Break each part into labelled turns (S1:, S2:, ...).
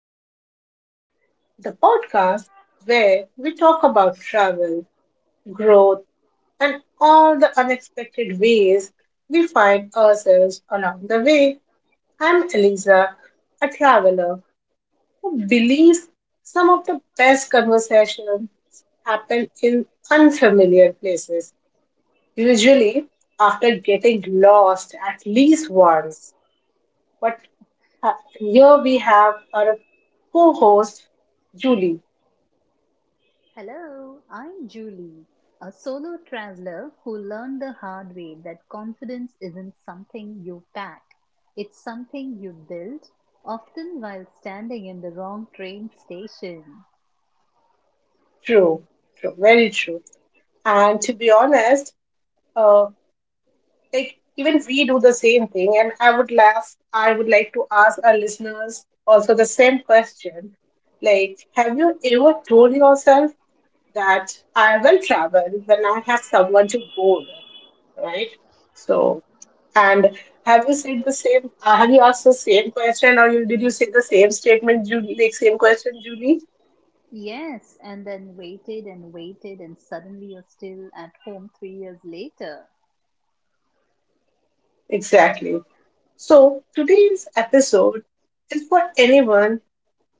S1: Wander With It, the podcast where we talk about travel, growth, and all the unexpected ways we find ourselves along the way. I'm Eliza, a traveler who believes some of the best conversations happen in unfamiliar places, usually after getting lost at least once. But Here we have our co host Julie.
S2: Hello, I'm Julie, a solo traveler who learned the hard way that confidence isn't something you pack. It's something you build, often while standing in the wrong train station.
S1: True, true, very true. And to be honest, uh, like even we do the same thing. And I would laugh, I would like to ask our listeners also the same question. Like, have you ever told yourself that I will travel when I have someone to go with, right? So, and have you said the same, have you asked the same question did you say the same statement, Julie, like same question, Julie?
S2: Yes, and then waited and waited, and suddenly you're still at home 3 years later.
S1: Exactly. So, today's episode is for anyone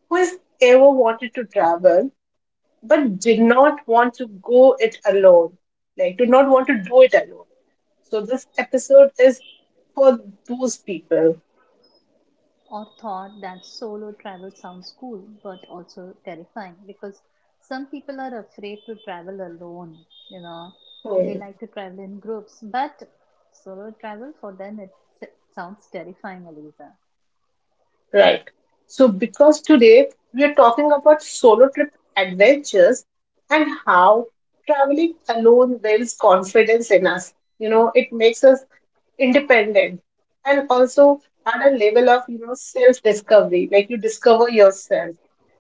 S1: who has ever wanted to travel but did not want to go it alone, like, did not want to do it alone. So, this episode is for those people.
S2: Or thought that solo travel sounds cool but also terrifying because some people are afraid to travel alone, you know.
S1: Hmm.
S2: They like to travel in groups, but solo travel for them s- sounds terrifying, Aliza.
S1: Right. So, because today we are talking about solo trip adventures and how traveling alone builds confidence in us. You know, it makes us independent and also at a level of, you know, self discovery, like you discover yourself.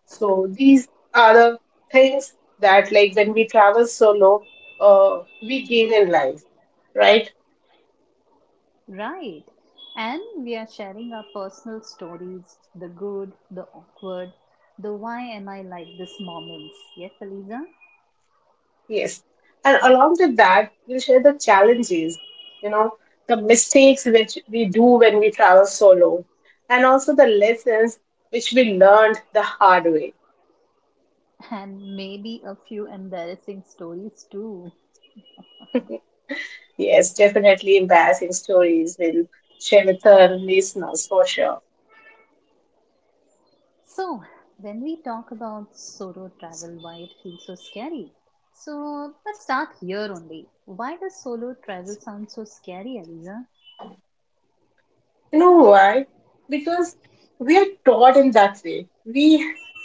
S1: So these are the things that, like, when we travel solo, we gain in life, right?
S2: Right. And we are sharing our personal stories, the good, the awkward, the why am I like this moments. Yes, Aliza?
S1: Yes, and along with that we'll share the challenges, you know, the mistakes which we do when we travel solo, and also the lessons which we learned the hard way.
S2: And maybe a few embarrassing stories too.
S1: Yes, definitely embarrassing stories we'll share with our listeners for sure.
S2: So, when we talk about solo travel, why it feels so scary? So, let's start here only. Why does solo travel sound so scary, Aliza?
S1: You know why? Because we are taught in that way. We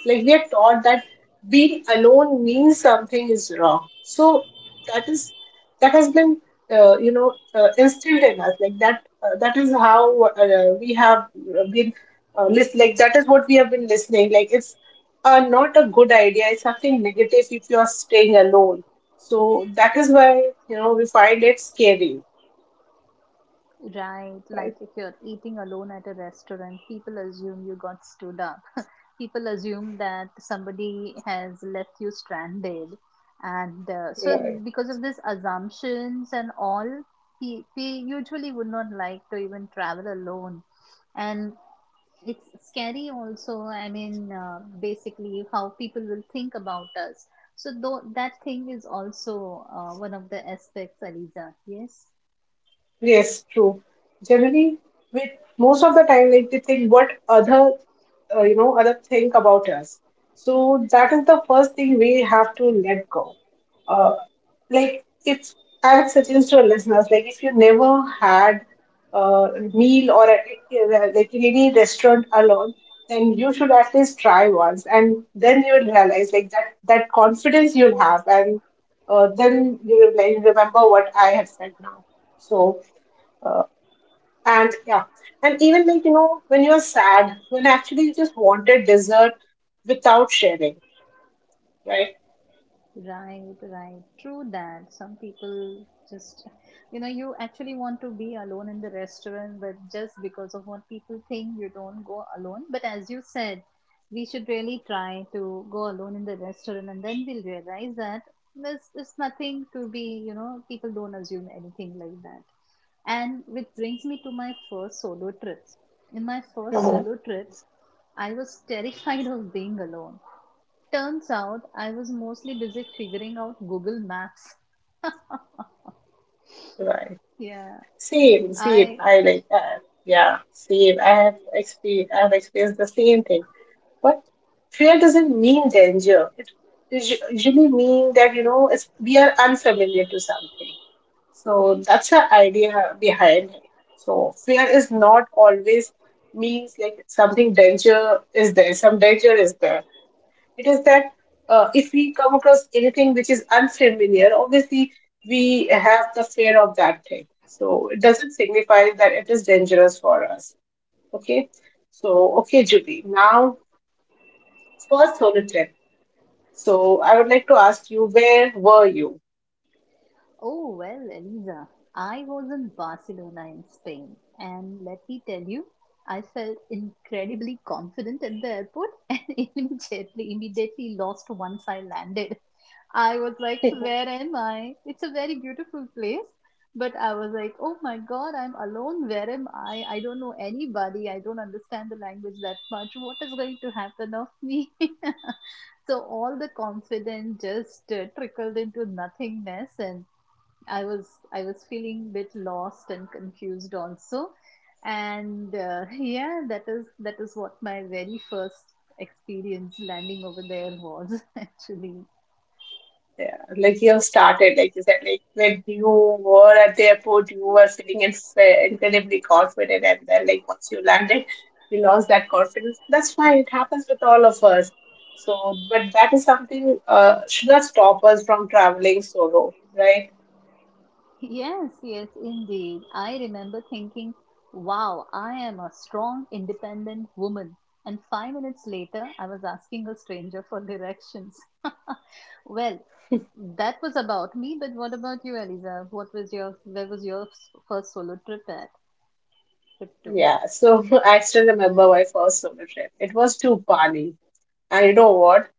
S1: like we are taught that being alone means something is wrong. So that is, that has been you know, instilled in us. Like that, that is how, we have been, list. Like that is what we have been listening. Like it's, not a good idea. It's something negative if you are staying alone. So that is why, you know, we find it scary,
S2: Right,
S1: right?
S2: like if you're eating alone at a restaurant, people assume you got stood up. People assume that somebody has left you stranded. And so,
S1: Yeah.
S2: because of these assumptions and all, we usually would not like to even travel alone, and it's scary also. I mean, basically how people will think about us. So though that thing is also one of the aspects, Aliza. Yes.
S1: Yes, true. Generally, with most of the time, like they think what other, you know, other think about us. So that is the first thing we have to let go. Uh, like if I would suggest to our listeners, like if you never had, a meal or a, like in any restaurant alone, then you should at least try once, and then you will realize like that that confidence you'll have, and then you will like remember what I have said now. So. Uh, and yeah, and even like, you know, when you're sad, when actually you just wanted dessert without sharing, right?
S2: Right, right. True that. Some people just, you actually want to be alone in the restaurant, but just because of what people think, you don't go alone. But as you said, we should really try to go alone in the restaurant, and then we'll realize that there's nothing to be, people don't assume anything like that. And which brings me to my first solo trip. In my first
S1: Mhm.
S2: solo trip, I was terrified of being alone. Turns out I was mostly busy figuring out Google Maps.
S1: Right.
S2: Yeah,
S1: Same, same.
S2: I...
S1: Yeah, same. I have experienced the same thing. But fear doesn't mean danger. It usually means that, you know, it's we are unfamiliar to something. So that's the idea behind it. So fear is not always means like some danger is there. It is that, if we come across anything which is unfamiliar, obviously we have the fear of that thing. So it doesn't signify that it is dangerous for us. Okay. So okay, Juby. Now first solo trip. So I would like to ask you, where were you?
S2: Oh, well, Elisa, I was in Barcelona in Spain, and let me tell you, I felt incredibly confident at the airport and immediately, immediately lost once I landed. I was like, where am I? It's a very beautiful place, but I was like, oh my God, I'm alone. Where am I? I don't know anybody. I don't understand the language that much. What is going to happen of me? So all the confidence just trickled into nothingness, and I was I was feeling a bit lost and confused also, and yeah, that is what my very first experience landing over there was. Actually,
S1: Yeah, like you started, like you said, like when you were at the airport, you were feeling incredibly confident, and then like once you landed, you lost that confidence. That's fine; it happens with all of us. So, but that is something, should not stop us from traveling solo, right?
S2: yes, yes, indeed. I remember thinking, "Wow, I am a strong, independent woman." And 5 minutes later, I was asking a stranger for directions. Well, that was about me, but what about you, Eliza? What was your... Where was your first solo trip at? Trip to?
S1: Yeah. So I still remember my first solo trip. It was to Bali, and you know what?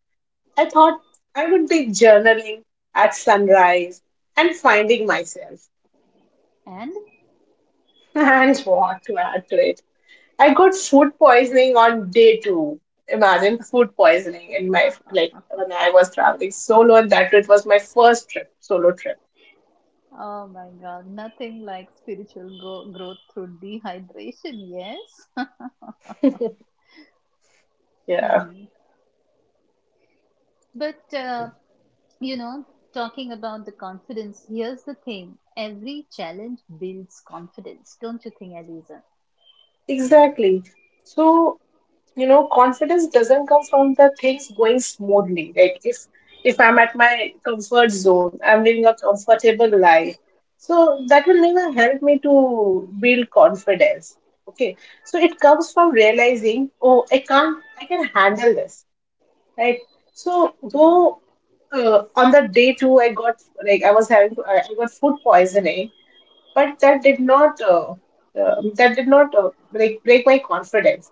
S1: I thought I would be journaling at sunrise and finding myself.
S2: And
S1: And what to add to it? I got food poisoning on day two. Imagine food poisoning in my, like when I was traveling solo, and that it was my first trip, solo trip.
S2: oh my God, nothing like spiritual growth through dehydration, yes.
S1: Yeah,
S2: Hmm. But you know, talking about the confidence, here's the thing: every challenge builds confidence, don't you think, Eliza?
S1: exactly. So, you know, confidence doesn't come from the things going smoothly. Like if I'm at my comfort zone, I'm living a comfortable life. So that will never help me to build confidence. Okay, so it comes from realizing, oh, I can't, I can handle this, right? So though,
S2: Right.
S1: on that day too, I got, like I was having I got food poisoning, but that did not, break my confidence.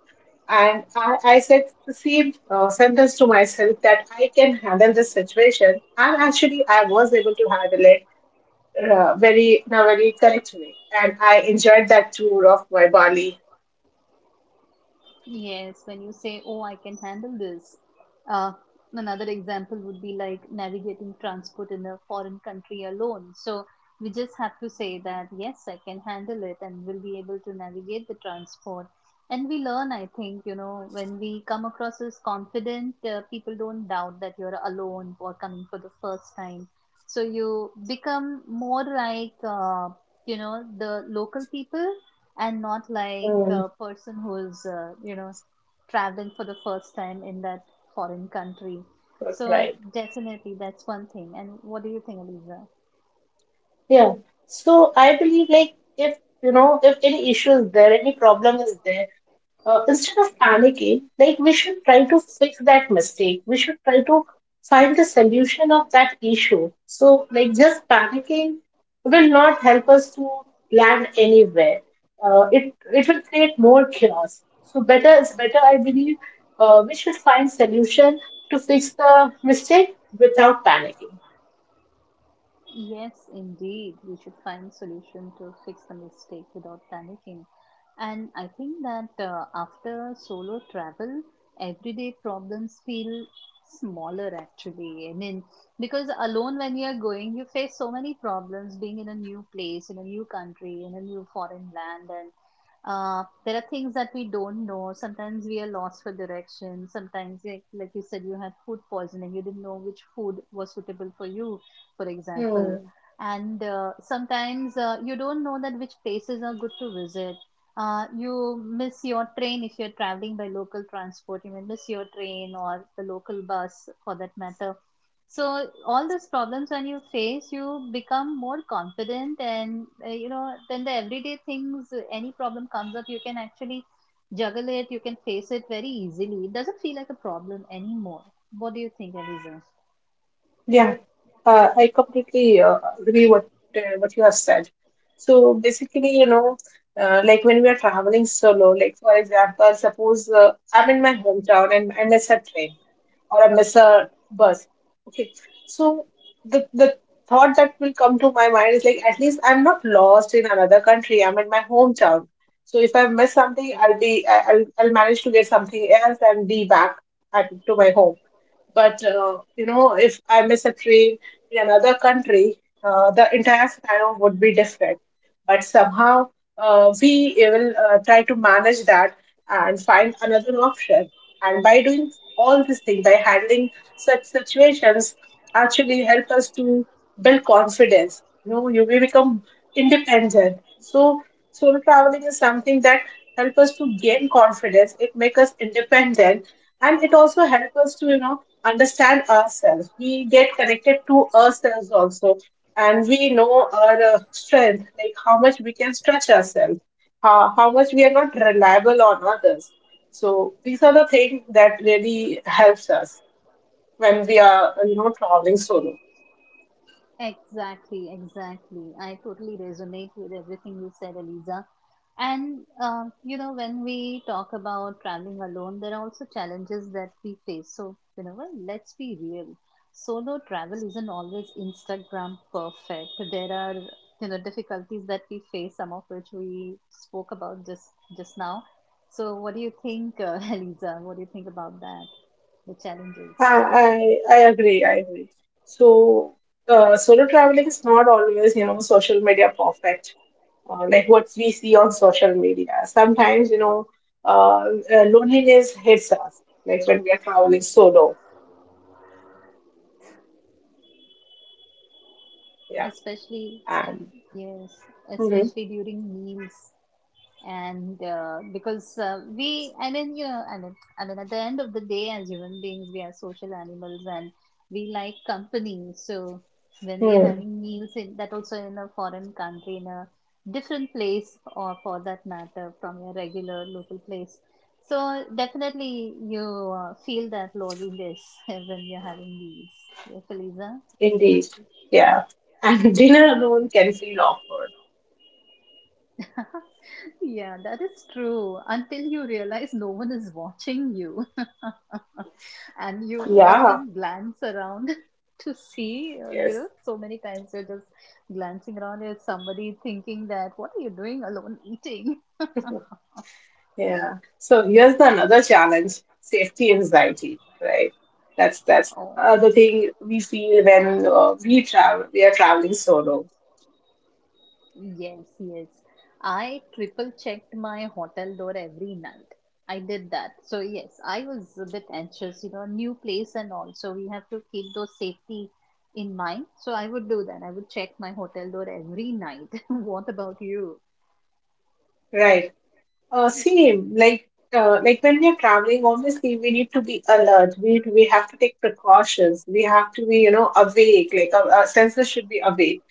S1: And I said the same, sentence to myself that I can handle this situation. And actually, I was able to handle it, very in a very correct way, and I enjoyed that tour of my Bali.
S2: Yes, when you say, oh, I can handle this. Uh, Another example would be like navigating transport in a foreign country alone. So we just have to say that, yes, I can handle it, and we'll be able to navigate the transport. And we learn, I think, you know, when we come across as confident, people don't doubt that you're alone or coming for the first time. So you become more like, you know, the local people and not like
S1: Mm,
S2: a person who's you know, traveling for the first time in that foreign country. So
S1: right.
S2: definitely, that's one thing. And what do you think, Aliza?
S1: Yeah. So I believe like, if you know, if any issue is there, any problem is there, instead of panicking, like we should try to fix that mistake. We should try to find the solution of that issue. So like just panicking will not help us to land anywhere. It will create more chaos. So better is better, I believe. We should find solution to fix the mistake without panicking.
S2: Yes, indeed. We should find solution to fix the mistake without panicking. And I think that after solo travel, everyday problems feel smaller, actually. I mean, because alone when you're going, you face so many problems being in a new place, in a new country, in a new foreign land, and there are things that we don't know. Sometimes we are lost for direction. Sometimes, like you said, you had food poisoning. You didn't know which food was suitable for you, for example.
S1: Hmm.
S2: And sometimes you don't know that which places are good to visit. You miss your train if you're traveling by local transport. You may miss your train or the local bus, for that matter. So all these problems when you face, you become more confident, and you know, then the everyday things. Any problem comes up, you can actually juggle it. You can face it very easily. It doesn't feel like a problem anymore. What do you think, Eliza?
S1: Yeah, I completely, agree what you have said. So basically, you know, like when we are traveling solo, like for example, suppose, I'm in my hometown and I miss a train or I miss a bus. Okay. So the thought that will come to my mind is like, at least I'm not lost in another country. I'm in my hometown. So if I miss something, I'll be I- I'll manage to get something else and be back at to my home. But, you know, if I miss a train in another country, the entire scenario would be different. But somehow, we will try to manage that and find another option, and by doing all these things, by handling such situations, actually help us to build confidence. You know, you will become independent. So solo traveling is something that help us to gain confidence. It make us independent, and it also help us to, you know, understand ourselves. We get connected to ourselves also, and we know our, strength, like how much we can stretch ourselves, how much we are not reliable on others. So these are the things that really helps us when we are, you know, traveling solo.
S2: Exactly, exactly. I totally resonate with everything you said, Eliza. And, you know, when we talk about traveling alone, there are also challenges that we face. So, you know, well, let's be real. Solo travel isn't always Instagram perfect. There are, you know, difficulties that we face, some of which we spoke about just now. So, what do you think, Eliza? What do you think about that? The challenges,
S1: I agree. I agree. So, solo traveling is not always, you know, social media perfect, like what we see on social media. Sometimes, you know, uh, loneliness hits us, like when we are traveling solo. Yeah,
S2: especially...
S1: and
S2: Yes,
S1: mhm,
S2: especially during meals. And because we, I mean, at the end of the day, as human beings, we are social animals and we like company. So when we are
S1: hmm
S2: having meals in that also in a foreign country, in a different place, or for that matter, from your regular local place. So definitely you feel that loneliness when you're having meals. Yeah, Feliza?
S1: indeed, yeah, and dinner alone can feel awkward.
S2: Yeah, that is true. Until you realize no one is watching you, and you
S1: Yeah.
S2: often glance around to see, you
S1: Yes.
S2: know, so many times you're just glancing around at somebody thinking that, what are you doing alone eating?
S1: Yeah. So here's the another challenge: safety anxiety. Right. That's
S2: Oh.
S1: other thing we feel when, we travel. We are traveling solo.
S2: Yes, yes. I triple checked my hotel door every night. I did that. So yes, I was a bit anxious, you know, new place and all. So we have to keep those safety in mind. So I would do that. I would check my hotel door every night. What about you?
S1: Right. Same. Like, like when we are traveling, obviously we need to be alert. We have to take precautions. We have to be, you know, awake. Like our senses should be awake.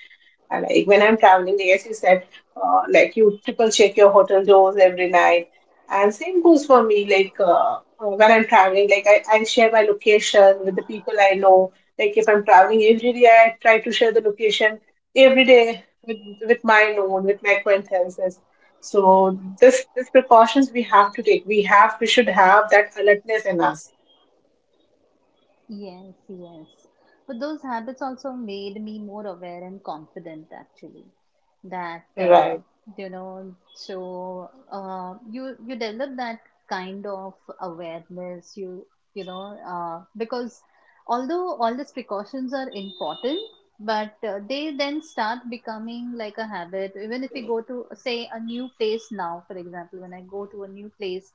S1: I like when I'm traveling, yes, you said, like you triple check your hotel doors every night, and same goes for me. Like when I'm traveling, like I share my location with the people I know. Like if I'm traveling every day, I try to share the location every day with my known, with my acquaintances. So this precautions we have to take. We should have that alertness in us.
S2: Yes, yes. But those habits also made me more aware and confident, actually. That
S1: Right.
S2: you know, so you develop that kind of awareness. You know, because although all these precautions are important, but they then start becoming like a habit. Even if we go to say a new place now, for example, when I go to a new place,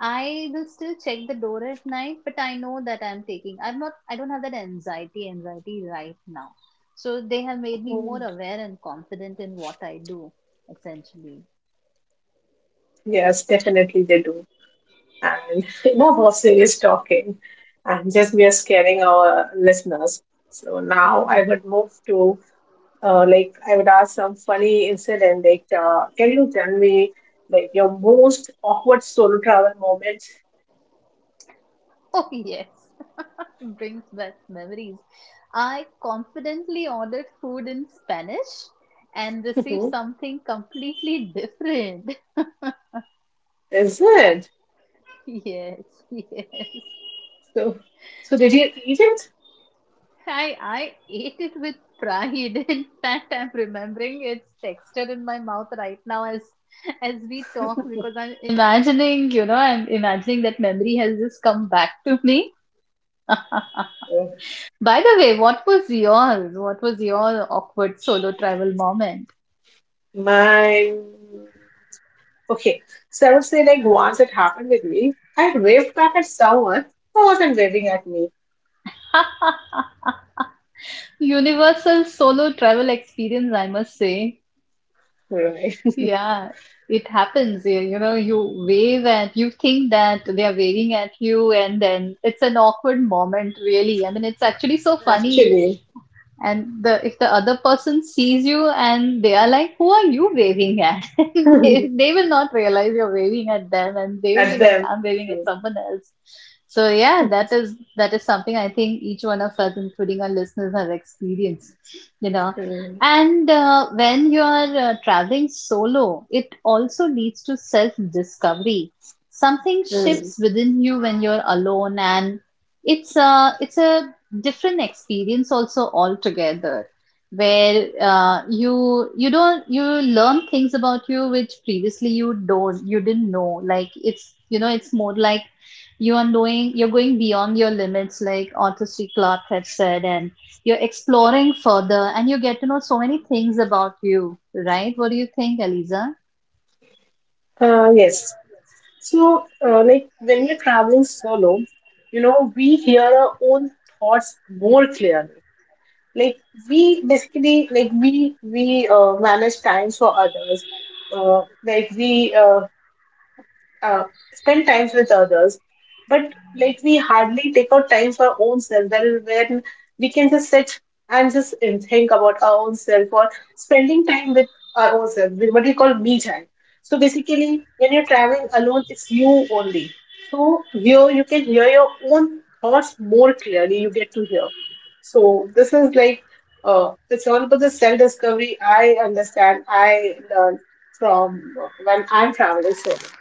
S2: I will still check the door at night, but I know that I'm taking. I'm not. I don't have that anxiety. Anxiety right now. So they have made me more
S1: Mm.
S2: aware and confident in what I do, essentially.
S1: Yes, definitely they do. And, you know, about serious talking, and just we are scaring our listeners, so now I
S2: Mhm.
S1: would move to, like I would ask some funny incident, like, can you tell me like your most awkward solo travel moment?
S2: Oh yes, brings back memories. I confidently ordered food in Spanish and received
S1: Mhm.
S2: something completely different.
S1: Is it?
S2: Yes, yes.
S1: So, so did you eat it?
S2: I ate it with pride. In fact, I'm remembering its texture in my mouth right now, as we talk, because I'm imagining, you know, I'm imagining that memory has just come back to me.
S1: Oh,
S2: By the way, what was yours? What was your awkward solo travel moment?
S1: mine. Okay, so I would say like once it happened with me, I waved back at someone who wasn't waving at me,
S2: Universal solo travel experience, I must say.
S1: right?
S2: Yeah, it happens. You know, you wave and you think that they are waving at you, and then it's an awkward moment, really. I mean, it's actually so funny.
S1: actually
S2: And the if the other person sees you, and they are like, who are you waving at? they, they will not realize you're waving at them, and they will
S1: at
S2: be like,
S1: them.
S2: I'm waving at
S1: True,
S2: someone else. So yeah, that is something I think each one of us, including our listeners, have experienced, you know.
S1: true,
S2: And when you are traveling solo, it also leads to self discovery. Something
S1: true.
S2: shifts within you when you're alone, and it's a different experience also altogether, where you you don't you learn things about you which previously you didn't know. Like, it's, you know, it's more like you are knowing, you're going beyond your limits, like Arthur C. Clarke had said, and you're exploring further and you get to know so many things about you, right? What do you think, Eliza?
S1: Yes. So, like when we're traveling solo, you know, we hear our own thoughts more clearly. Like we basically, like we manage time for others. Like we uh, spend times with others, but like we hardly take out time for our own self. That is when we can just sit and just and think about our own self or spending time with our own self, with what we call me time. So basically, when you're traveling alone, it's you only. So here you can hear your own thoughts more clearly. You get to hear. So this is like, it's all about the self discovery. I understand. I learn from, when I'm traveling solo.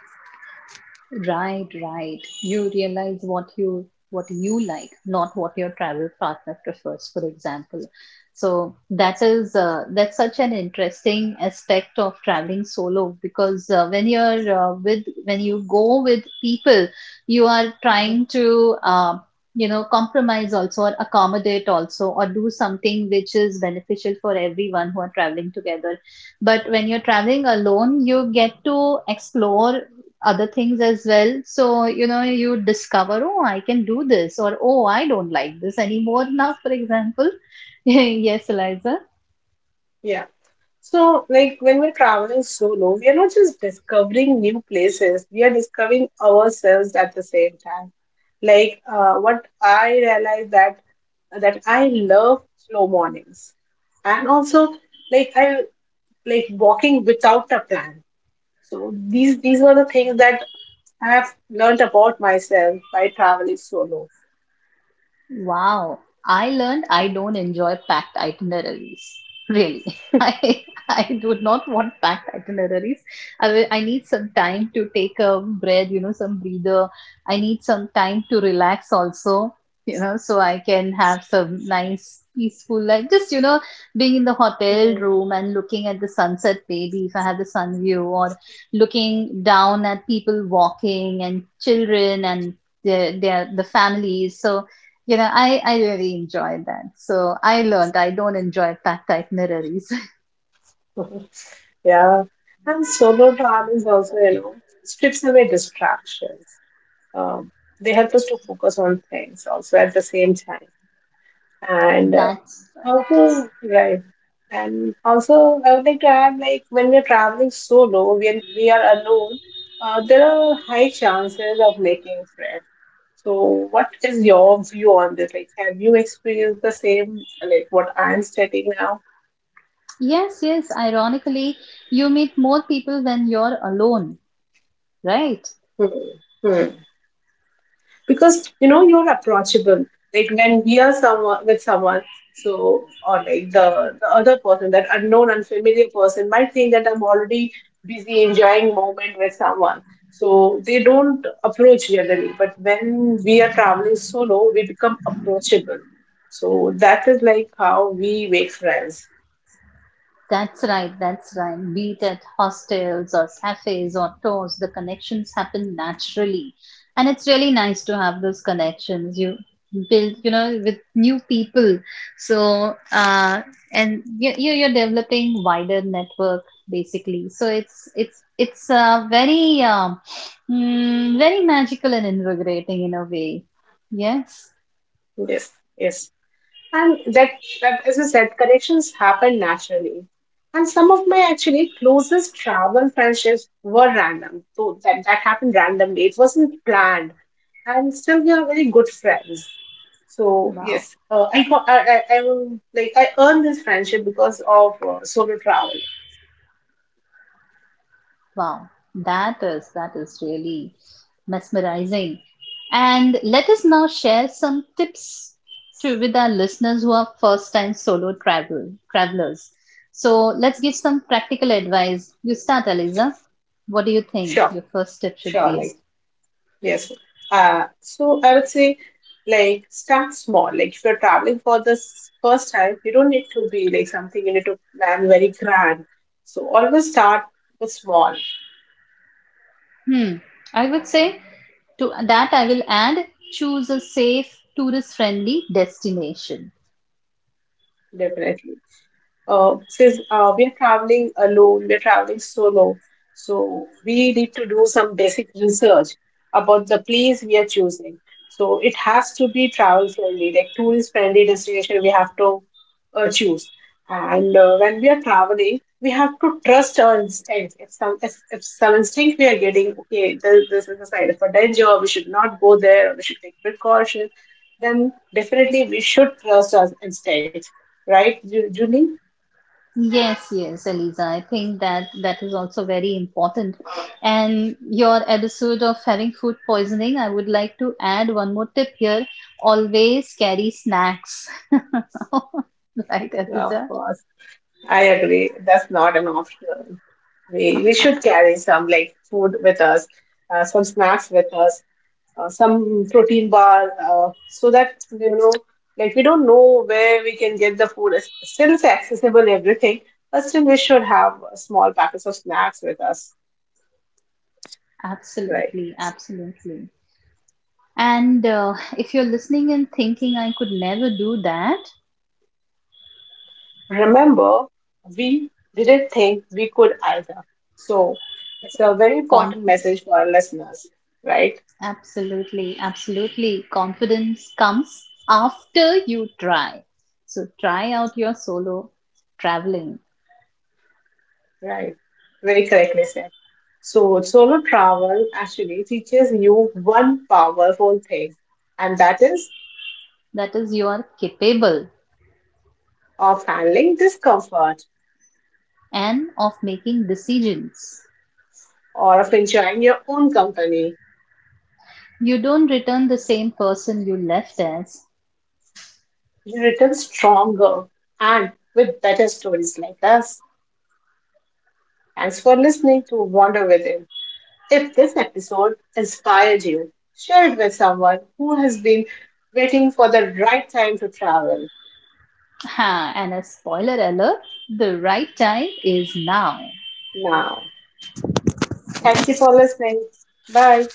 S2: Right, right. You realize what you... what you like, not what your travel partner prefers, for example. So that is that's such an interesting aspect of traveling solo, because when you're with, when you go with people, you are trying to you know, compromise also or accommodate also or do something which is beneficial for everyone who are traveling together. But when you're traveling alone, you get to explore other things as well. So, you know, you discover, oh, I can do this, or oh, I don't like this anymore now, for example. Yes, Eliza.
S1: Yeah. So, like when we're traveling solo, we are not just discovering new places, we are discovering ourselves at the same time. Like what I realized that I love slow mornings, and also like I like walking without a plan. So these were the things that I have learned about myself by traveling solo.
S2: Wow. I learned I don't enjoy packed itineraries. Really. I... I do not want packed itineraries. I will, I need some time to take a breath, you know, some breather. I need some time to relax also, you know, so I can have some nice peaceful life. Just, you know, being in the hotel
S1: Hmm.
S2: room and looking at the sunset maybe if I have the sun view, or looking down at people walking and children and the families. So you know, I really enjoyed that. So I learned I don't enjoy packed itineraries.
S1: Yeah, and solo travel is also, you know, strips away distractions. Um, they help us to focus on things also at the same time. And
S2: That's...
S1: also, right. And also, I would like to add, like when we're traveling solo, when we are alone, there are high chances of making friends. So, what is your view on this? Like, have you experienced the same, like what I'm stating now?
S2: yes, yes. Ironically, you meet more people when you're alone, right?
S1: Hmm. Hmm. Because you know you're approachable, like when we are someone with someone, so or like the other person, that unknown unfamiliar person, might think that I'm already busy enjoying moment with someone, so they don't approach generally. But when we are traveling solo, we become approachable, so that is like how we make friends.
S2: That's right, that's right. Be it at hostels or cafes or tours, the connections happen naturally. And it's really nice to have those connections. You build, you know, with new people. So, and you, you're developing wider network, basically. So it's very, very magical and invigorating in a way. Yes.
S1: Yes, yes. And that, as I said, connections happen naturally. And some of my actually closest travel friendships were random. So that happened randomly. It wasn't planned. And still, we are very good friends. So
S2: Wow.
S1: yes, I will like I earned this friendship because of solo traveling.
S2: Wow, that is really mesmerizing. And let us now share some tips to with our listeners who are first-time solo travelers. So let's give some practical advice. You start, Aliza. What do you think
S1: Sure,
S2: your first tip should
S1: sure.
S2: be?
S1: Like Yes. So I would say, like, start small. Like, if you're traveling for the first time, you don't need to be like something you need to plan very grand. So always start with small,
S2: Hmm. I would
S1: um,
S2: say to that I will add, choose a safe, tourist-friendly destination.
S1: definitely. Since we are traveling alone, we are traveling solo, so we need to do some basic research about the place we are choosing. So it has to be travel friendly, like tourist friendly destination we have to choose. And when we are traveling, we have to trust our instinct. If if some instinct we are getting, okay, this is a sign of a danger. We should not go there. We should take precaution. Then definitely we should trust our instinct, right, Julie?
S2: Yes, yes, Eliza. I think that that is also very important. And your episode of having food poisoning, I would like to add one more tip here. Always carry snacks. Right,
S1: Yeah, of
S2: Eliza?
S1: course, I agree. That's not an option. We should carry some like food with us, some snacks with us, some protein bar, so that you know, like we don't know where we can get the food. It's, still, it's accessible everything, but still we should have small packets of snacks with us, right?
S2: Absolutely, absolutely. And if you're listening and thinking, I could never do that,
S1: Remember, we didn't think we could either. So it's a very important
S2: confidence.
S1: message for our listeners, right?
S2: Absolutely, absolutely. Confidence comes after you try. So try out your solo traveling.
S1: Right. Very correctly said. So, solo travel actually teaches you one powerful thing, and that is
S2: That is, you are capable
S1: of handling discomfort
S2: and of making decisions.
S1: or of enjoying your own company.
S2: You don't return the same person you left as.
S1: You return stronger and with better stories like us. Thanks for listening to Wander Within. If this episode inspired you, share it with someone who has been waiting for the right time to travel
S2: Ha, and a spoiler alert, the right time is now.
S1: now. Thank you for listening. Bye.